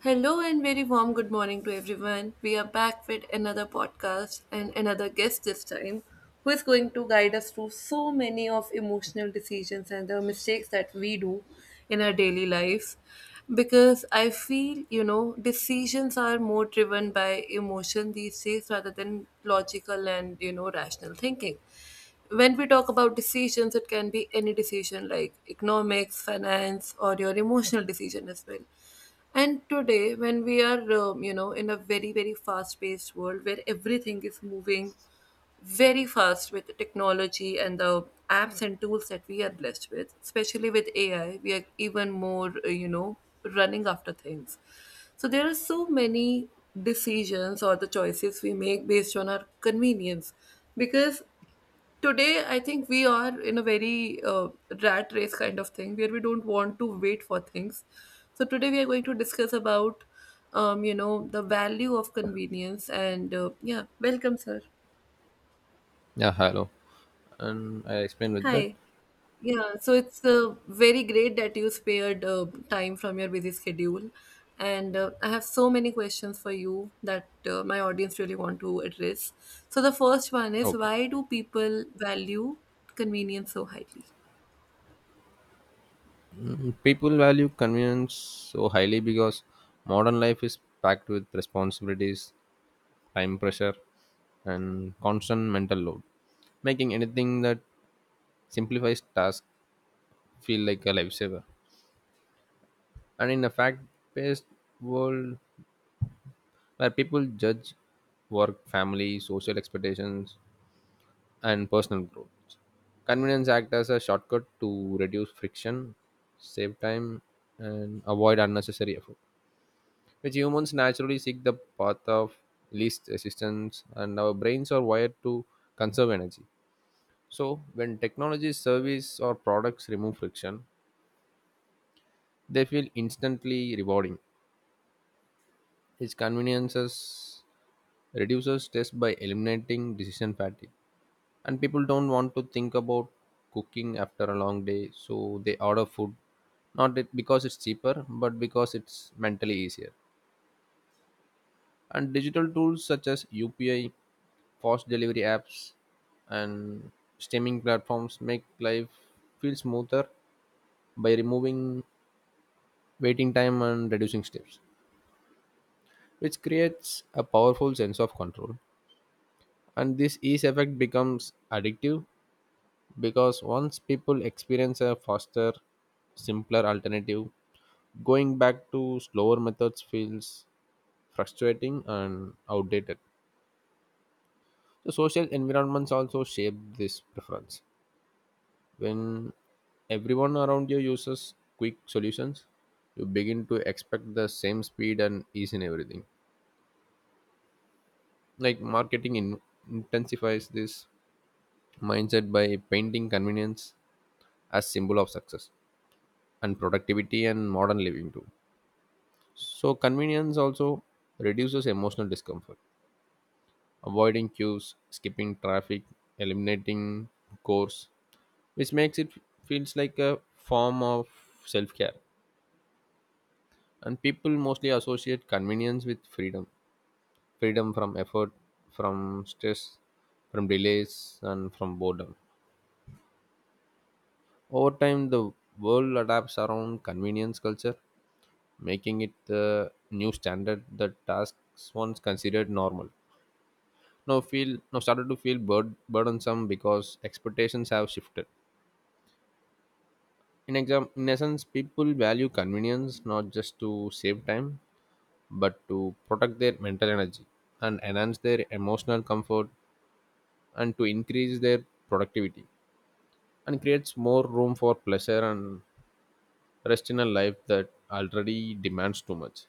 Hello and very warm good morning to everyone. We are back with another podcast and another guest this time who is going to guide us through so many of emotional decisions and the mistakes that we do in our daily life. Because I feel, decisions are more driven by emotion these days rather than logical and, rational thinking. When we talk about decisions, it can be any decision like economics, finance, or your emotional decision as well. And today, when we are, in a very, very fast paced world where everything is moving very fast with the technology and the apps and tools that we are blessed with, especially with AI, we are even more, running after things. So there are so many decisions or the choices we make based on our convenience, because today I think we are in a very rat race kind of thing where we don't want to wait for things. So today we are going to discuss about the value of convenience and yeah, welcome, sir. Yeah, hello. And I explained with that. Hi. Yeah, so it's very great that you spared time from your busy schedule. And I have so many questions for you that my audience really want to address. So the first one is, Okay. why do people value convenience so highly? People value convenience so highly because modern life is packed with responsibilities, time pressure, and constant mental load, making anything that simplifies tasks feel like a lifesaver. And in a fact paced world where people judge work, family, social expectations, and personal growth. Convenience act as a shortcut to reduce friction, save time, and avoid unnecessary effort. Which humans naturally seek the path of least resistance, and our brains are wired to conserve energy. So, when technology, service, or products remove friction, they feel instantly rewarding. Its conveniences reduces stress by eliminating decision fatigue, and people don't want to think about cooking after a long day, so they order food not that because it's cheaper but because it's mentally easier. And digital tools such as UPI, fast delivery apps, and streaming platforms make life feel smoother by removing waiting time and reducing steps, which creates a powerful sense of control. And this ease effect becomes addictive because once people experience a faster, simpler alternative, going back to slower methods feels frustrating and outdated. So social environments also shape this preference. When everyone around you uses quick solutions, you begin to expect the same speed and ease in everything. Like marketing intensifies this mindset by painting convenience as symbol of success and productivity and modern living too. So, convenience also reduces emotional discomfort, avoiding queues, skipping traffic, eliminating course, which makes it feels like a form of self care. And people mostly associate convenience with freedom, freedom from effort, from stress, from delays, and from boredom. Over time, the world adapts around convenience culture, making it the new standard that tasks once considered normal. Now feel, now started to feel burdensome because expectations have shifted. In essence, people value convenience not just to save time, but to protect their mental energy, and enhance their emotional comfort, and to increase their productivity, and creates more room for pleasure and rest in a life that already demands too much.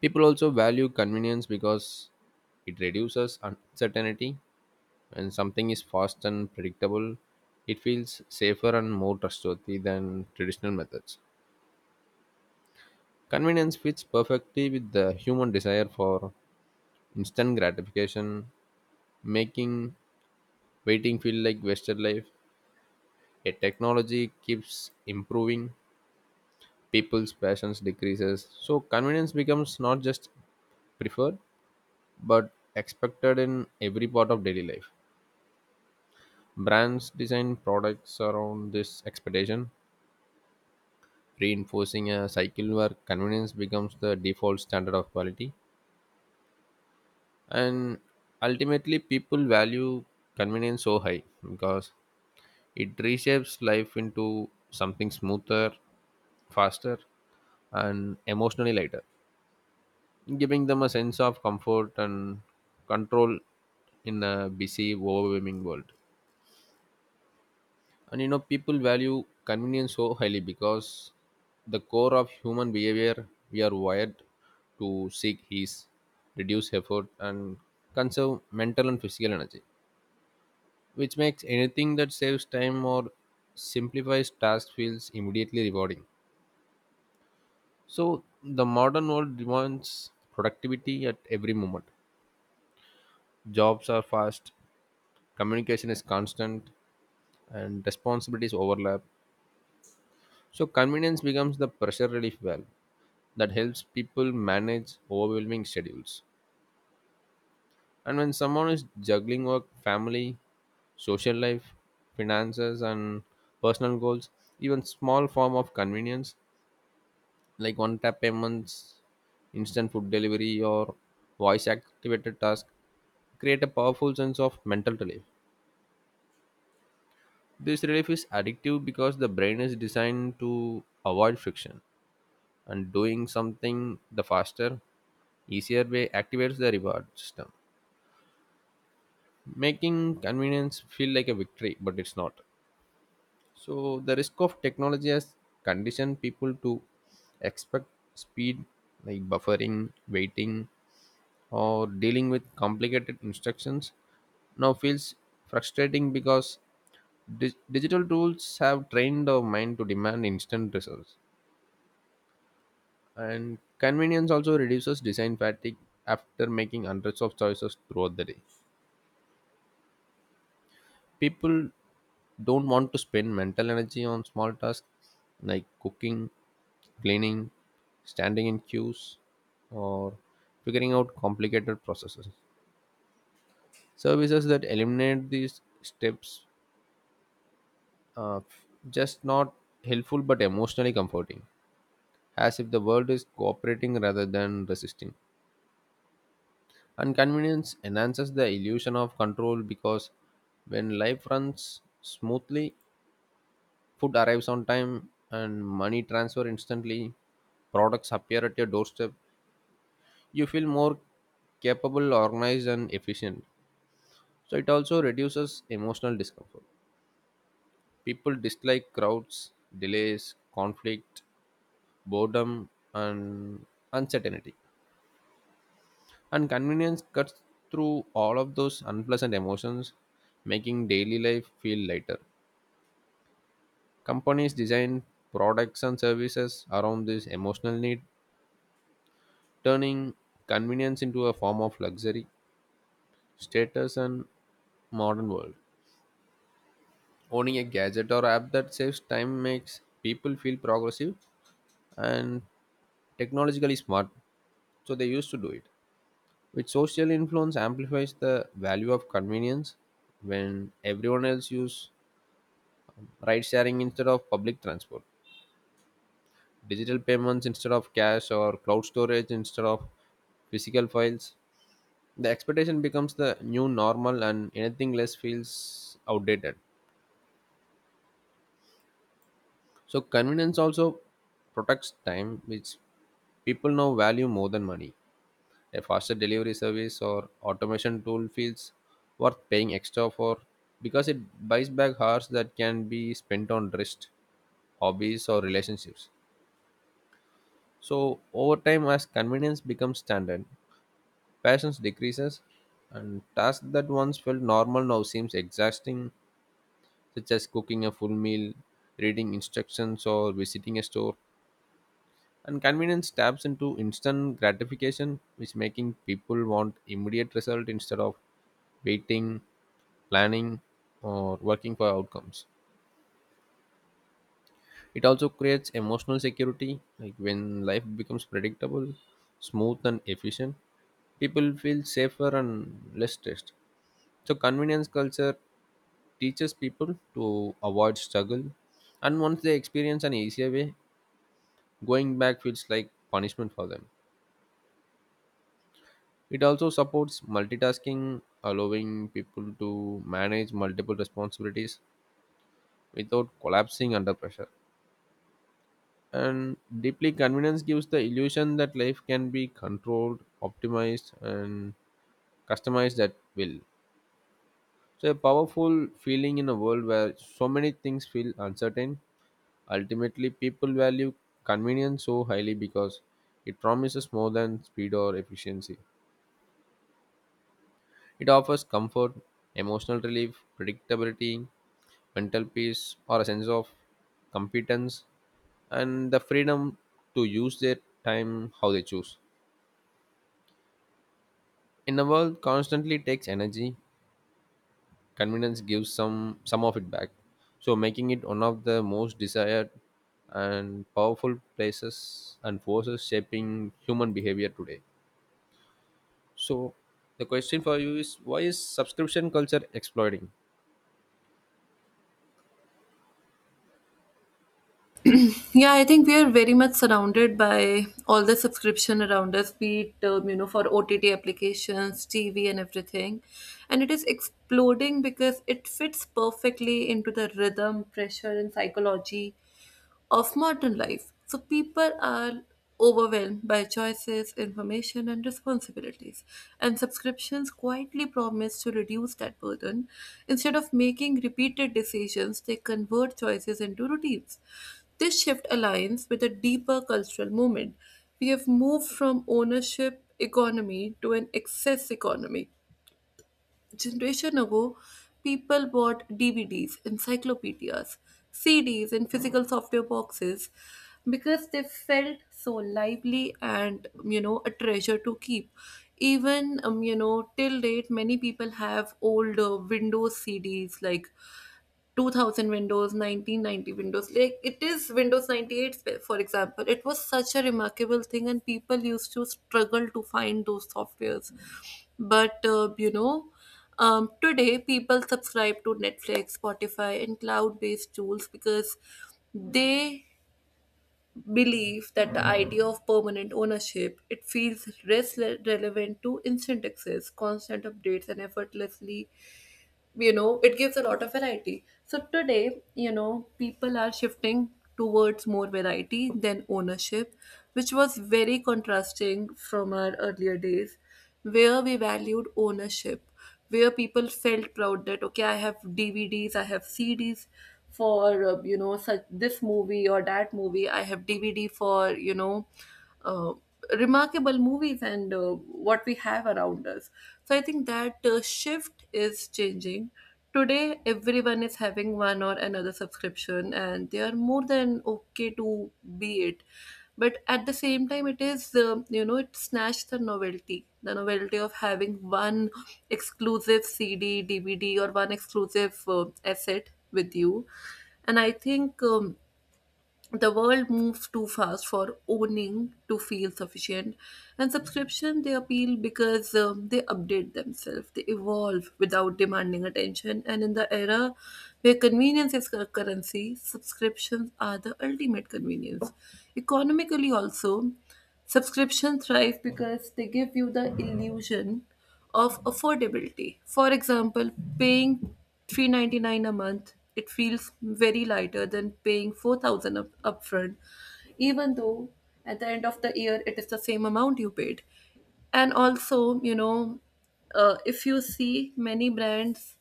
People also value convenience because it reduces uncertainty. When something is fast and predictable, it feels safer and more trustworthy than traditional methods. Convenience fits perfectly with the human desire for instant gratification, making waiting feel like wasted life. A technology keeps improving, people's patience decreases, so convenience becomes not just preferred but expected in every part of daily life. Brands design products around this expectation, reinforcing a cycle where convenience becomes the default standard of quality. And ultimately, people value convenience so high because it reshapes life into something smoother, faster, and emotionally lighter, giving them a sense of comfort and control in a busy, overwhelming world. And you know, people value convenience so highly because the core of human behavior, we are wired to seek ease, reduce effort, and conserve mental and physical energy, which makes anything that saves time or simplifies tasks feels immediately rewarding. So the modern world demands productivity at every moment. Jobs are fast, communication is constant, and responsibilities overlap. So convenience becomes the pressure relief valve that helps people manage overwhelming schedules. And when someone is juggling work, family, social life, finances, and personal goals, even small form of convenience like one tap payments, instant food delivery, or voice activated task create a powerful sense of mental relief. This relief is addictive because the brain is designed to avoid friction, and doing something the faster, easier way activates the reward system, making convenience feel like a victory, but it's not. So the risk of technology has conditioned people to expect speed. Like buffering, waiting, or dealing with complicated instructions now feels frustrating because digital tools have trained our mind to demand instant results. And convenience also reduces design fatigue. After making hundreds of choices throughout the day, people don't want to spend mental energy on small tasks like cooking, cleaning, standing in queues, or figuring out complicated processes. Services that eliminate these steps are just not helpful but emotionally comforting, as if the world is cooperating rather than resisting. And convenience enhances the illusion of control because when life runs smoothly, food arrives on time and money transfer instantly. Products appear at your doorstep. You feel more capable, organized, and efficient. So it also reduces emotional discomfort. People dislike crowds, delays, conflict, boredom, and uncertainty. And convenience cuts through all of those unpleasant emotions, making daily life feel lighter. Companies design products and services around this emotional need, turning convenience into a form of luxury, status, and modern world. Owning a gadget or app that saves time makes people feel progressive and technologically smart, so they used to do it. Which social influence amplifies the value of convenience when everyone else use ride sharing instead of public transport, digital payments instead of cash, or cloud storage instead of physical files. The expectation becomes the new normal and anything less feels outdated. So convenience also protects time, which people now value more than money. A faster delivery service or automation tool feels worth paying extra for because it buys back hours that can be spent on rest, hobbies, or relationships. So over time as convenience becomes standard, patience decreases, and tasks that once felt normal now seems exhausting, such as cooking a full meal, reading instructions, or visiting a store. And convenience taps into instant gratification, which making people want immediate result instead of waiting, planning, or working for outcomes. It also creates emotional security, like when life becomes predictable, smooth, and efficient, people feel safer and less stressed. So, convenience culture teaches people to avoid struggle, and once they experience an easier way, going back feels like punishment for them. It also supports multitasking, allowing people to manage multiple responsibilities without collapsing under pressure. And deeply convenience gives the illusion that life can be controlled, optimized, and customized at will. So, a powerful feeling in a world where so many things feel uncertain. Ultimately, people value convenience so highly because it promises more than speed or efficiency. It offers comfort, emotional relief, predictability, mental peace, or a sense of competence, and the freedom to use their time how they choose. In a world constantly takes energy, convenience gives some of it back. So making it one of the most desired and powerful places and forces shaping human behavior today. So the question for you is, why is subscription culture exploiting? Yeah, I think we are very much surrounded by all the subscription around us, be it for OTT applications, TV, and everything, and it is exploding because it fits perfectly into the rhythm, pressure, and psychology of modern life. So people are overwhelmed by choices, information, and responsibilities, and subscriptions quietly promise to reduce that burden. Instead of making repeated decisions, they convert choices into routines. This shift aligns with a deeper cultural movement. We have moved from ownership economy to an excess economy. Generation ago, people bought DVDs, encyclopedias, CDs, and physical software boxes because they felt so lively and a treasure to keep. Even till date, many people have old Windows CDs like 2000 windows, 1990 windows, like it is windows 98. For example, it was such a remarkable thing and people used to struggle to find those softwares. But today people subscribe to Netflix, Spotify, and cloud based tools because they believe that the idea of permanent ownership, it feels less relevant to instant access, constant updates, and effortlessly it gives a lot of variety. So today, people are shifting towards more variety than ownership, which was very contrasting from our earlier days, where we valued ownership, where people felt proud that, okay, I have DVDs, I have CDs for such this movie or that movie. I have DVD for uh, remarkable movies and what we have around us. So I think that shift is changing. Today, everyone is having one or another subscription, and they are more than okay to be it. But at the same time, it is, it snatched the novelty of having one exclusive CD, DVD, or one exclusive asset with you. And I think, the world moves too fast for owning to feel sufficient, and subscription, they appeal because they update themselves, they evolve without demanding attention. And in the era where convenience is currency, subscriptions are the ultimate convenience. Economically also, subscription thrive because they give you the illusion of affordability. For example, paying 399 a month, it feels very lighter than paying 4000 up upfront, even though at the end of the year it is the same amount you paid. And also, if you see many brands,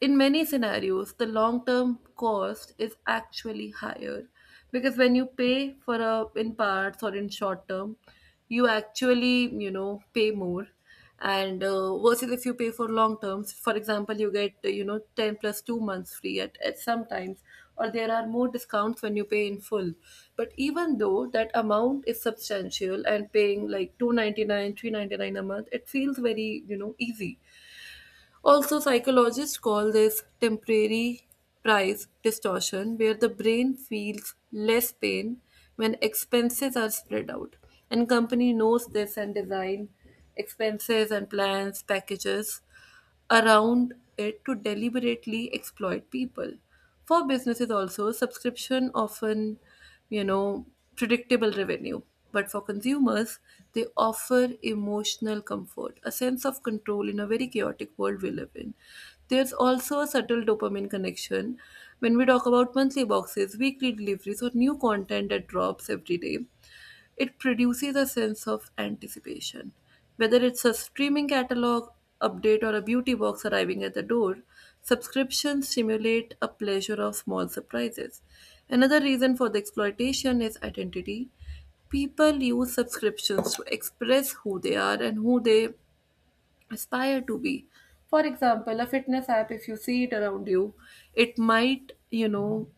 in many scenarios, the long term cost is actually higher because when you pay for a in parts or in short term, you actually pay more, and versus if you pay for long terms, for example, you get 10 plus 2 months free at sometimes, or there are more discounts when you pay in full. But even though that amount is substantial, and paying like 299, 399 a month, it feels very easy. Also, psychologists call this temporary price distortion, where the brain feels less pain when expenses are spread out. And company knows this and design expenses and plans, packages around it to deliberately exploit people. For businesses also, subscription often, you know, predictable revenue. But for consumers, they offer emotional comfort, a sense of control in a very chaotic world we live in. There's also a subtle dopamine connection. When we talk about monthly boxes, weekly deliveries, or new content that drops every day, it produces a sense of anticipation. Whether it's a streaming catalog update or a beauty box arriving at the door, subscriptions stimulate a pleasure of small surprises. Another reason for the exploitation is identity. People use subscriptions to express who they are and who they aspire to be. For example, a fitness app, if you see it around you, it might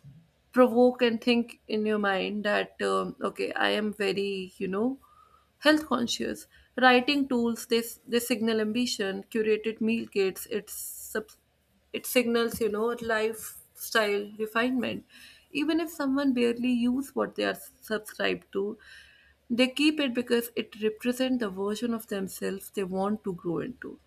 provoke and think in your mind that, okay, I am very health conscious. Writing tools, they signal ambition. Curated meal kits, it signals, lifestyle refinement. Even if someone barely use what they are subscribed to, they keep it because it represents the version of themselves they want to grow into.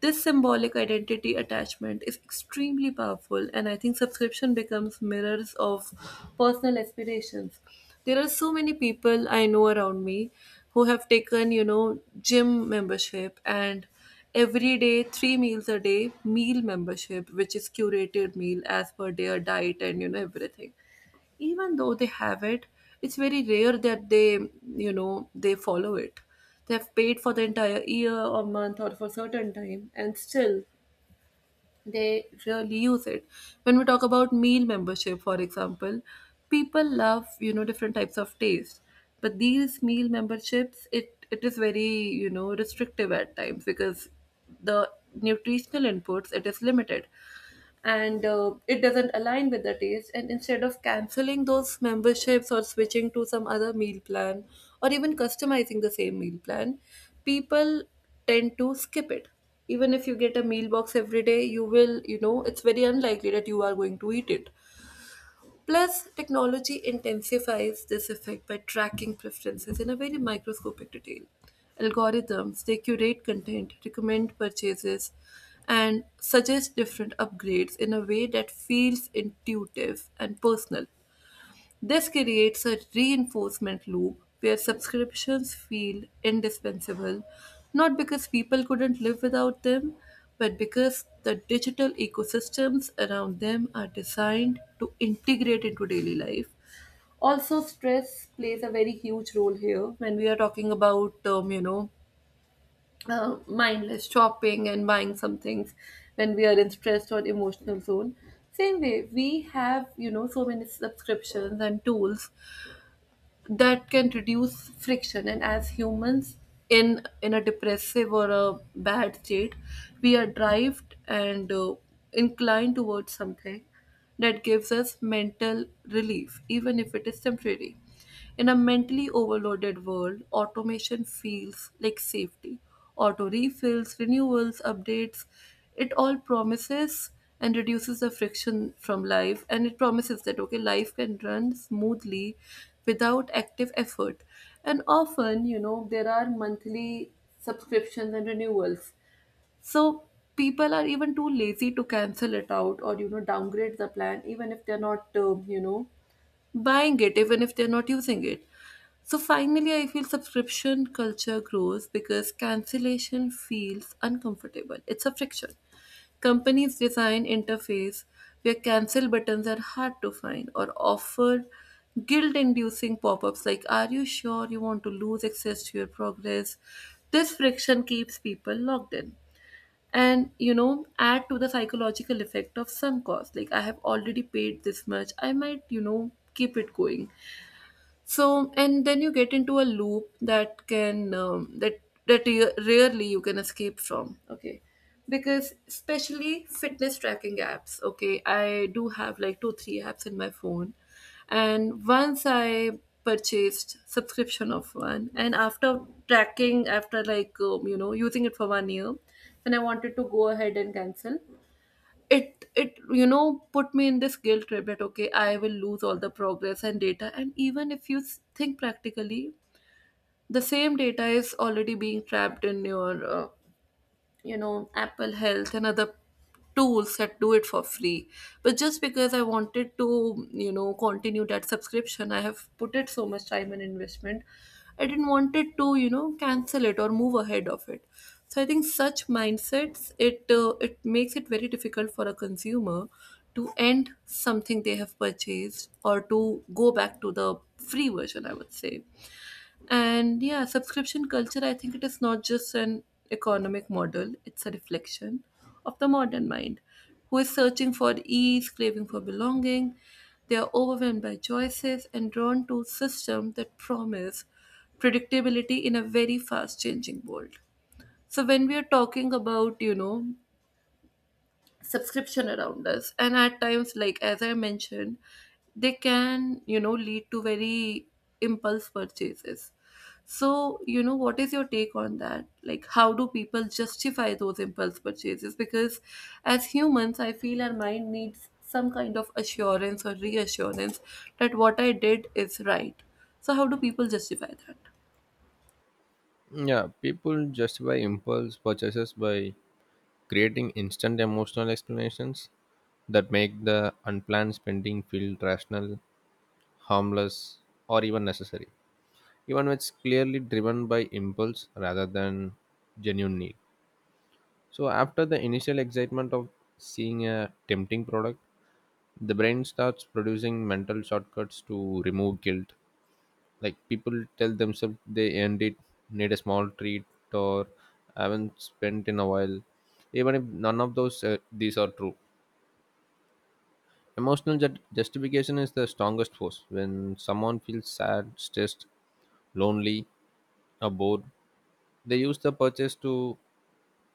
This symbolic identity attachment is extremely powerful, and I think subscription becomes mirrors of personal aspirations. There are so many people I know around me who have taken, gym membership and every day, three meals a day, meal membership, which is curated meal as per their diet and, everything. Even though they have it, it's very rare that they follow it. They have paid for the entire year or month or for certain time and still they really use it. When we talk about meal membership, for example, people love different types of taste, but these meal memberships, it is very restrictive at times, because the nutritional inputs, it is limited, and it doesn't align with the taste. And instead of canceling those memberships or switching to some other meal plan or even customizing the same meal plan, people tend to skip it. Even if you get a meal box every day, you will it's very unlikely that you are going to eat it. Plus, technology intensifies this effect by tracking preferences in a very microscopic detail. Algorithms, they curate content, recommend purchases, and suggest different upgrades in a way that feels intuitive and personal. This creates a reinforcement loop where subscriptions feel indispensable, not because people couldn't live without them, but because the digital ecosystems around them are designed to integrate into daily life. Also, stress plays a very huge role here. When we are talking about, mindless shopping and buying some things when we are in stressed or emotional zone, same way, we have, so many subscriptions and tools that can reduce friction. And as humans, in a depressive or a bad state, we are driven and inclined towards something that gives us mental relief, even if it is temporary. In a mentally overloaded world, automation feels like safety. Auto refills, renewals, updates, it all promises and reduces the friction from life, and it promises that, okay, life can run smoothly without active effort. And often, there are monthly subscriptions and renewals. So people are even too lazy to cancel it out or downgrade the plan, even if they're not buying it, even if they're not using it. So finally, I feel subscription culture grows because cancellation feels uncomfortable. It's a friction. Companies design interface where cancel buttons are hard to find, or offer guilt-inducing pop-ups like, "Are you sure you want to lose access to your progress?" This friction keeps people logged in, and add to the psychological effect of sunk cost, like, I have already paid this much, I might keep it going. So and then you get into a loop that can that that re- rarely you can escape from, okay. Because especially fitness tracking apps, okay, I do have like two three apps in my phone. And once I purchased subscription of one and after tracking, after like using it for one year, then I wanted to go ahead and cancel it. Put me in this guilt trip that, okay, I will lose all the progress and data. And even if you think practically, the same data is already being trapped in your Apple Health and other tools that do it for free. But just because I wanted to continue that subscription, I have put it so much time and investment, I didn't want it to cancel it or move ahead of it. So I think such mindsets, it makes it very difficult for a consumer to end something they have purchased, or to go back to the free version, I would say. And yeah, subscription culture, I think it is not just an economic model, it's a reflection of the modern mind who is searching for ease, craving for belonging. They are overwhelmed by choices and drawn to systems that promise predictability in a very fast changing world. So when we are talking about, subscription around us, and at times, like, as I mentioned, they can lead to very impulse purchases. So what is your take on that, like, how do people justify those impulse purchases? Because as humans, I feel our mind needs some kind of assurance or reassurance that what I did is right. So how do people justify that? Yeah, people justify impulse purchases by creating instant emotional explanations that make the unplanned spending feel rational, harmless, or even necessary, even when it's clearly driven by impulse rather than genuine need. So, after the initial excitement of seeing a tempting product, the brain starts producing mental shortcuts to remove guilt, like people tell themselves they end it, need a small treat, or haven't spent in a while, even if none of those these are true. Emotional justification is the strongest force. When someone feels sad, stressed, lonely, or bored, they use the purchase to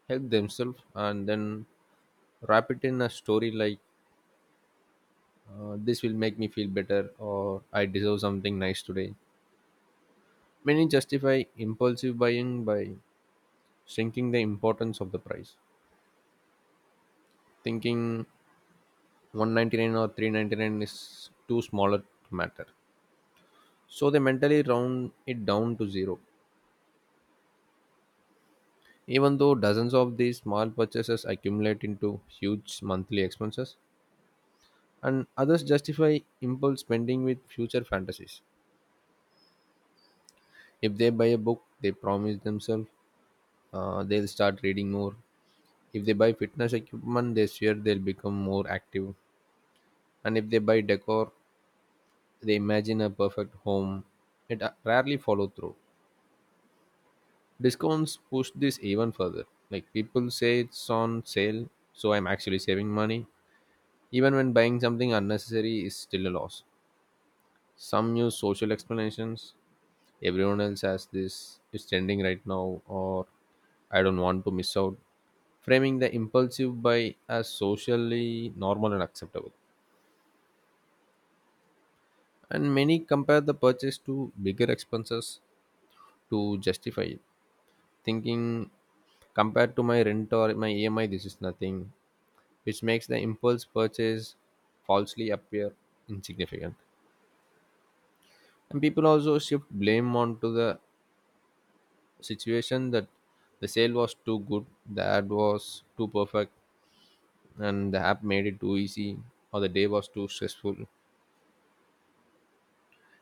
help themselves and then wrap it in a story like, this will make me feel better, or I deserve something nice today. Many justify impulsive buying by shrinking the importance of the price, thinking 199 or 399 is too smaller to matter. So they mentally round it down to zero. Even though dozens of these small purchases accumulate into huge monthly expenses, and others justify impulse spending with future fantasies. If they buy a book, they promise themselves they'll start reading more. If they buy fitness equipment, they swear they'll become more active. And if they buy decor, they imagine a perfect home it rarely follow through. Discounts push this even further. Like, people say it's on sale, so I'm actually saving money, even when buying something unnecessary is still a loss. Some use social explanations: everyone else has this, it's trending right now, or I don't want to miss out, framing the impulsive buy as socially normal and acceptable. And many compare the purchase to bigger expenses to justify it, thinking compared to my rent or my EMI, this is nothing, which makes the impulse purchase falsely appear insignificant. And people also shift blame onto the situation, that the sale was too good, the ad was too perfect, and the app made it too easy, or the day was too stressful.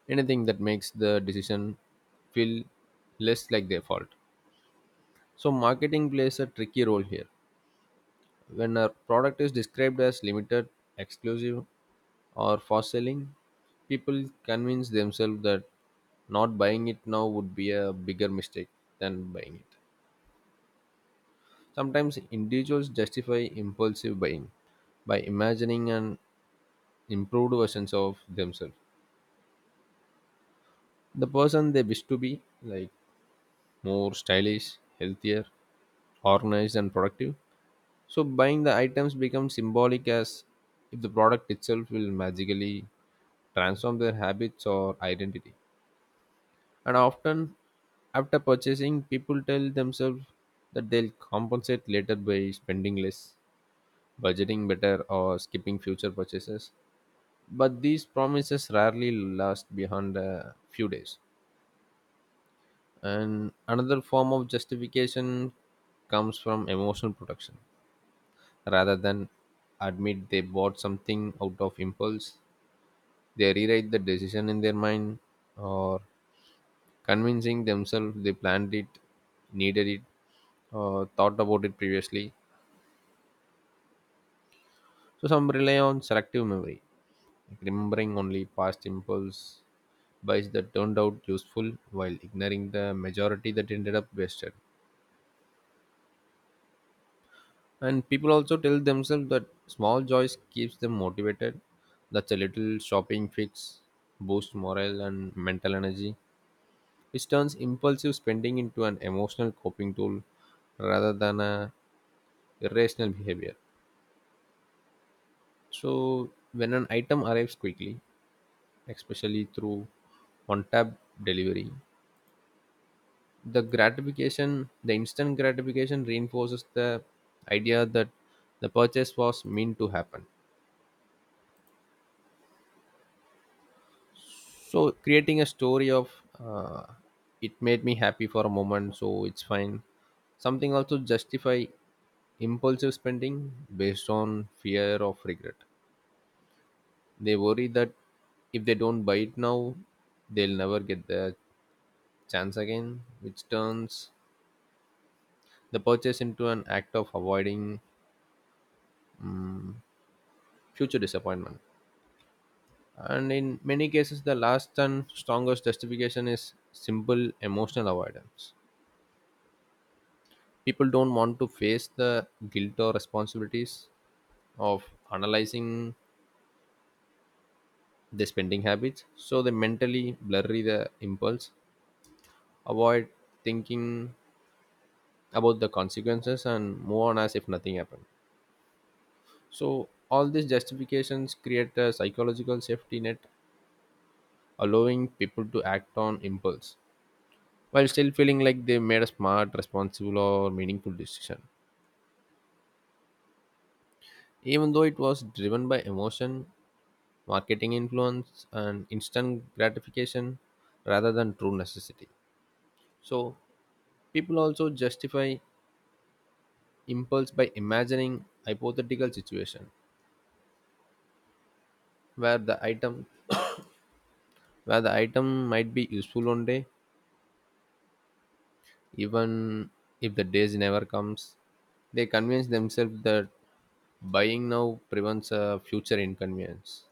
Anything that makes the decision feel less like their fault. So, marketing plays a tricky role here. When a product is described as limited, exclusive, or for selling, people convince themselves that not buying it now would be a bigger mistake than buying it. Sometimes individuals justify impulsive buying by imagining an improved versions of themselves. The person they wish to be, like more stylish, healthier, organized, and productive. So buying the items becomes symbolic, as if the product itself will magically transform their habits or identity. And often, after purchasing, people tell themselves that they'll compensate later by spending less, budgeting better, or skipping future purchases. But these promises rarely last beyond a few days. And another form of justification comes from emotional protection. Rather than admit they bought something out of impulse, they rewrite the decision in their mind or convincing themselves they planned it, needed it, or thought about it previously. So some rely on selective memory, like remembering only past impulse buys that turned out useful while ignoring the majority that ended up wasted. And people also tell themselves that small joys keeps them motivated. That's a little shopping fix, boosts morale and mental energy, which turns impulsive spending into an emotional coping tool rather than a irrational behavior. So when an item arrives quickly, especially through on-tap delivery, the instant gratification reinforces the idea that the purchase was meant to happen. So creating a story of uh, it made me happy for a moment, so it's fine. Something also justify impulsive spending based on fear of regret. They worry that if they don't buy it now, they'll never get their chance again, which turns the purchase into an act of avoiding mm, future disappointment. And in many cases, the last and strongest justification is simple emotional avoidance. People don't want to face the guilt or responsibilities of analyzing their spending habits, so they mentally blurry the impulse, avoid thinking about the consequences, and move on as if nothing happened. So all these justifications create a psychological safety net allowing people to act on impulse while still feeling like they made a smart, responsible, or meaningful decision. Even though it was driven by emotion, marketing influence, and instant gratification rather than true necessity. So, people also justify impulse by imagining hypothetical situation where the item where the item might be useful one day, even if the days never comes. They convince themselves that buying now prevents a future inconvenience,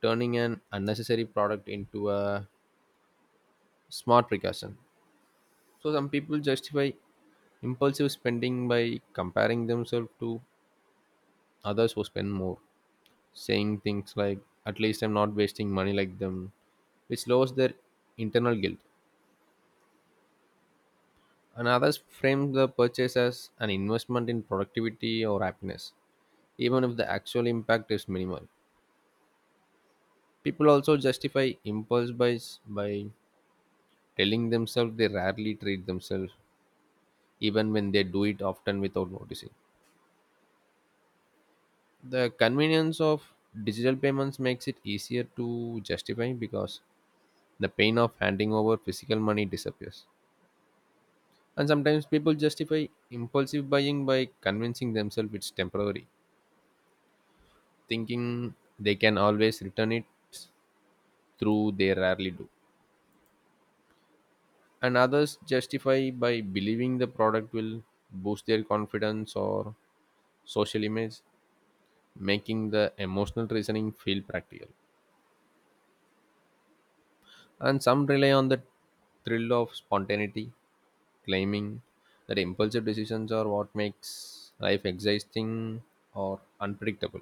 turning an unnecessary product into a smart precaution. So some people justify impulsive spending by comparing themselves to others who spend more, saying things like at least I'm not wasting money like them, which lowers their internal guilt. And others frame the purchase as an investment in productivity or happiness, even if the actual impact is minimal. People also justify impulse buys by telling themselves they rarely treat themselves even when they do it often without noticing. The convenience of digital payments makes it easier to justify, because the pain of handing over physical money disappears. And sometimes people justify impulsive buying by convincing themselves it's temporary, thinking they can always return it, through they rarely do. And others justify by believing the product will boost their confidence or social image, making the emotional reasoning feel practical. And some rely on the thrill of spontaneity, claiming that impulsive decisions are what makes life exciting or unpredictable.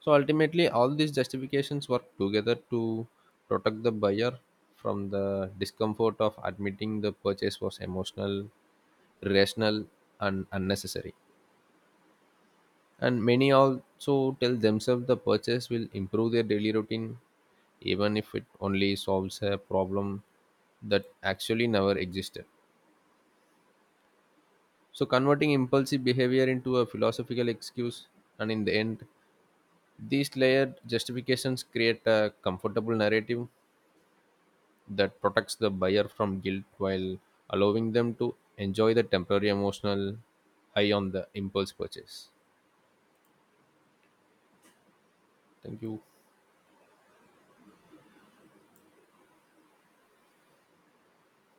So ultimately, all these justifications work together to protect the buyer from the discomfort of admitting the purchase was emotional, irrational, and unnecessary. And many also tell themselves the purchase will improve their daily routine, even if it only solves a problem that actually never existed. So, converting impulsive behavior into a philosophical excuse, and in the end, these layered justifications create a comfortable narrative that protects the buyer from guilt while allowing them to enjoy the temporary emotional high on the impulse purchase. Thank you.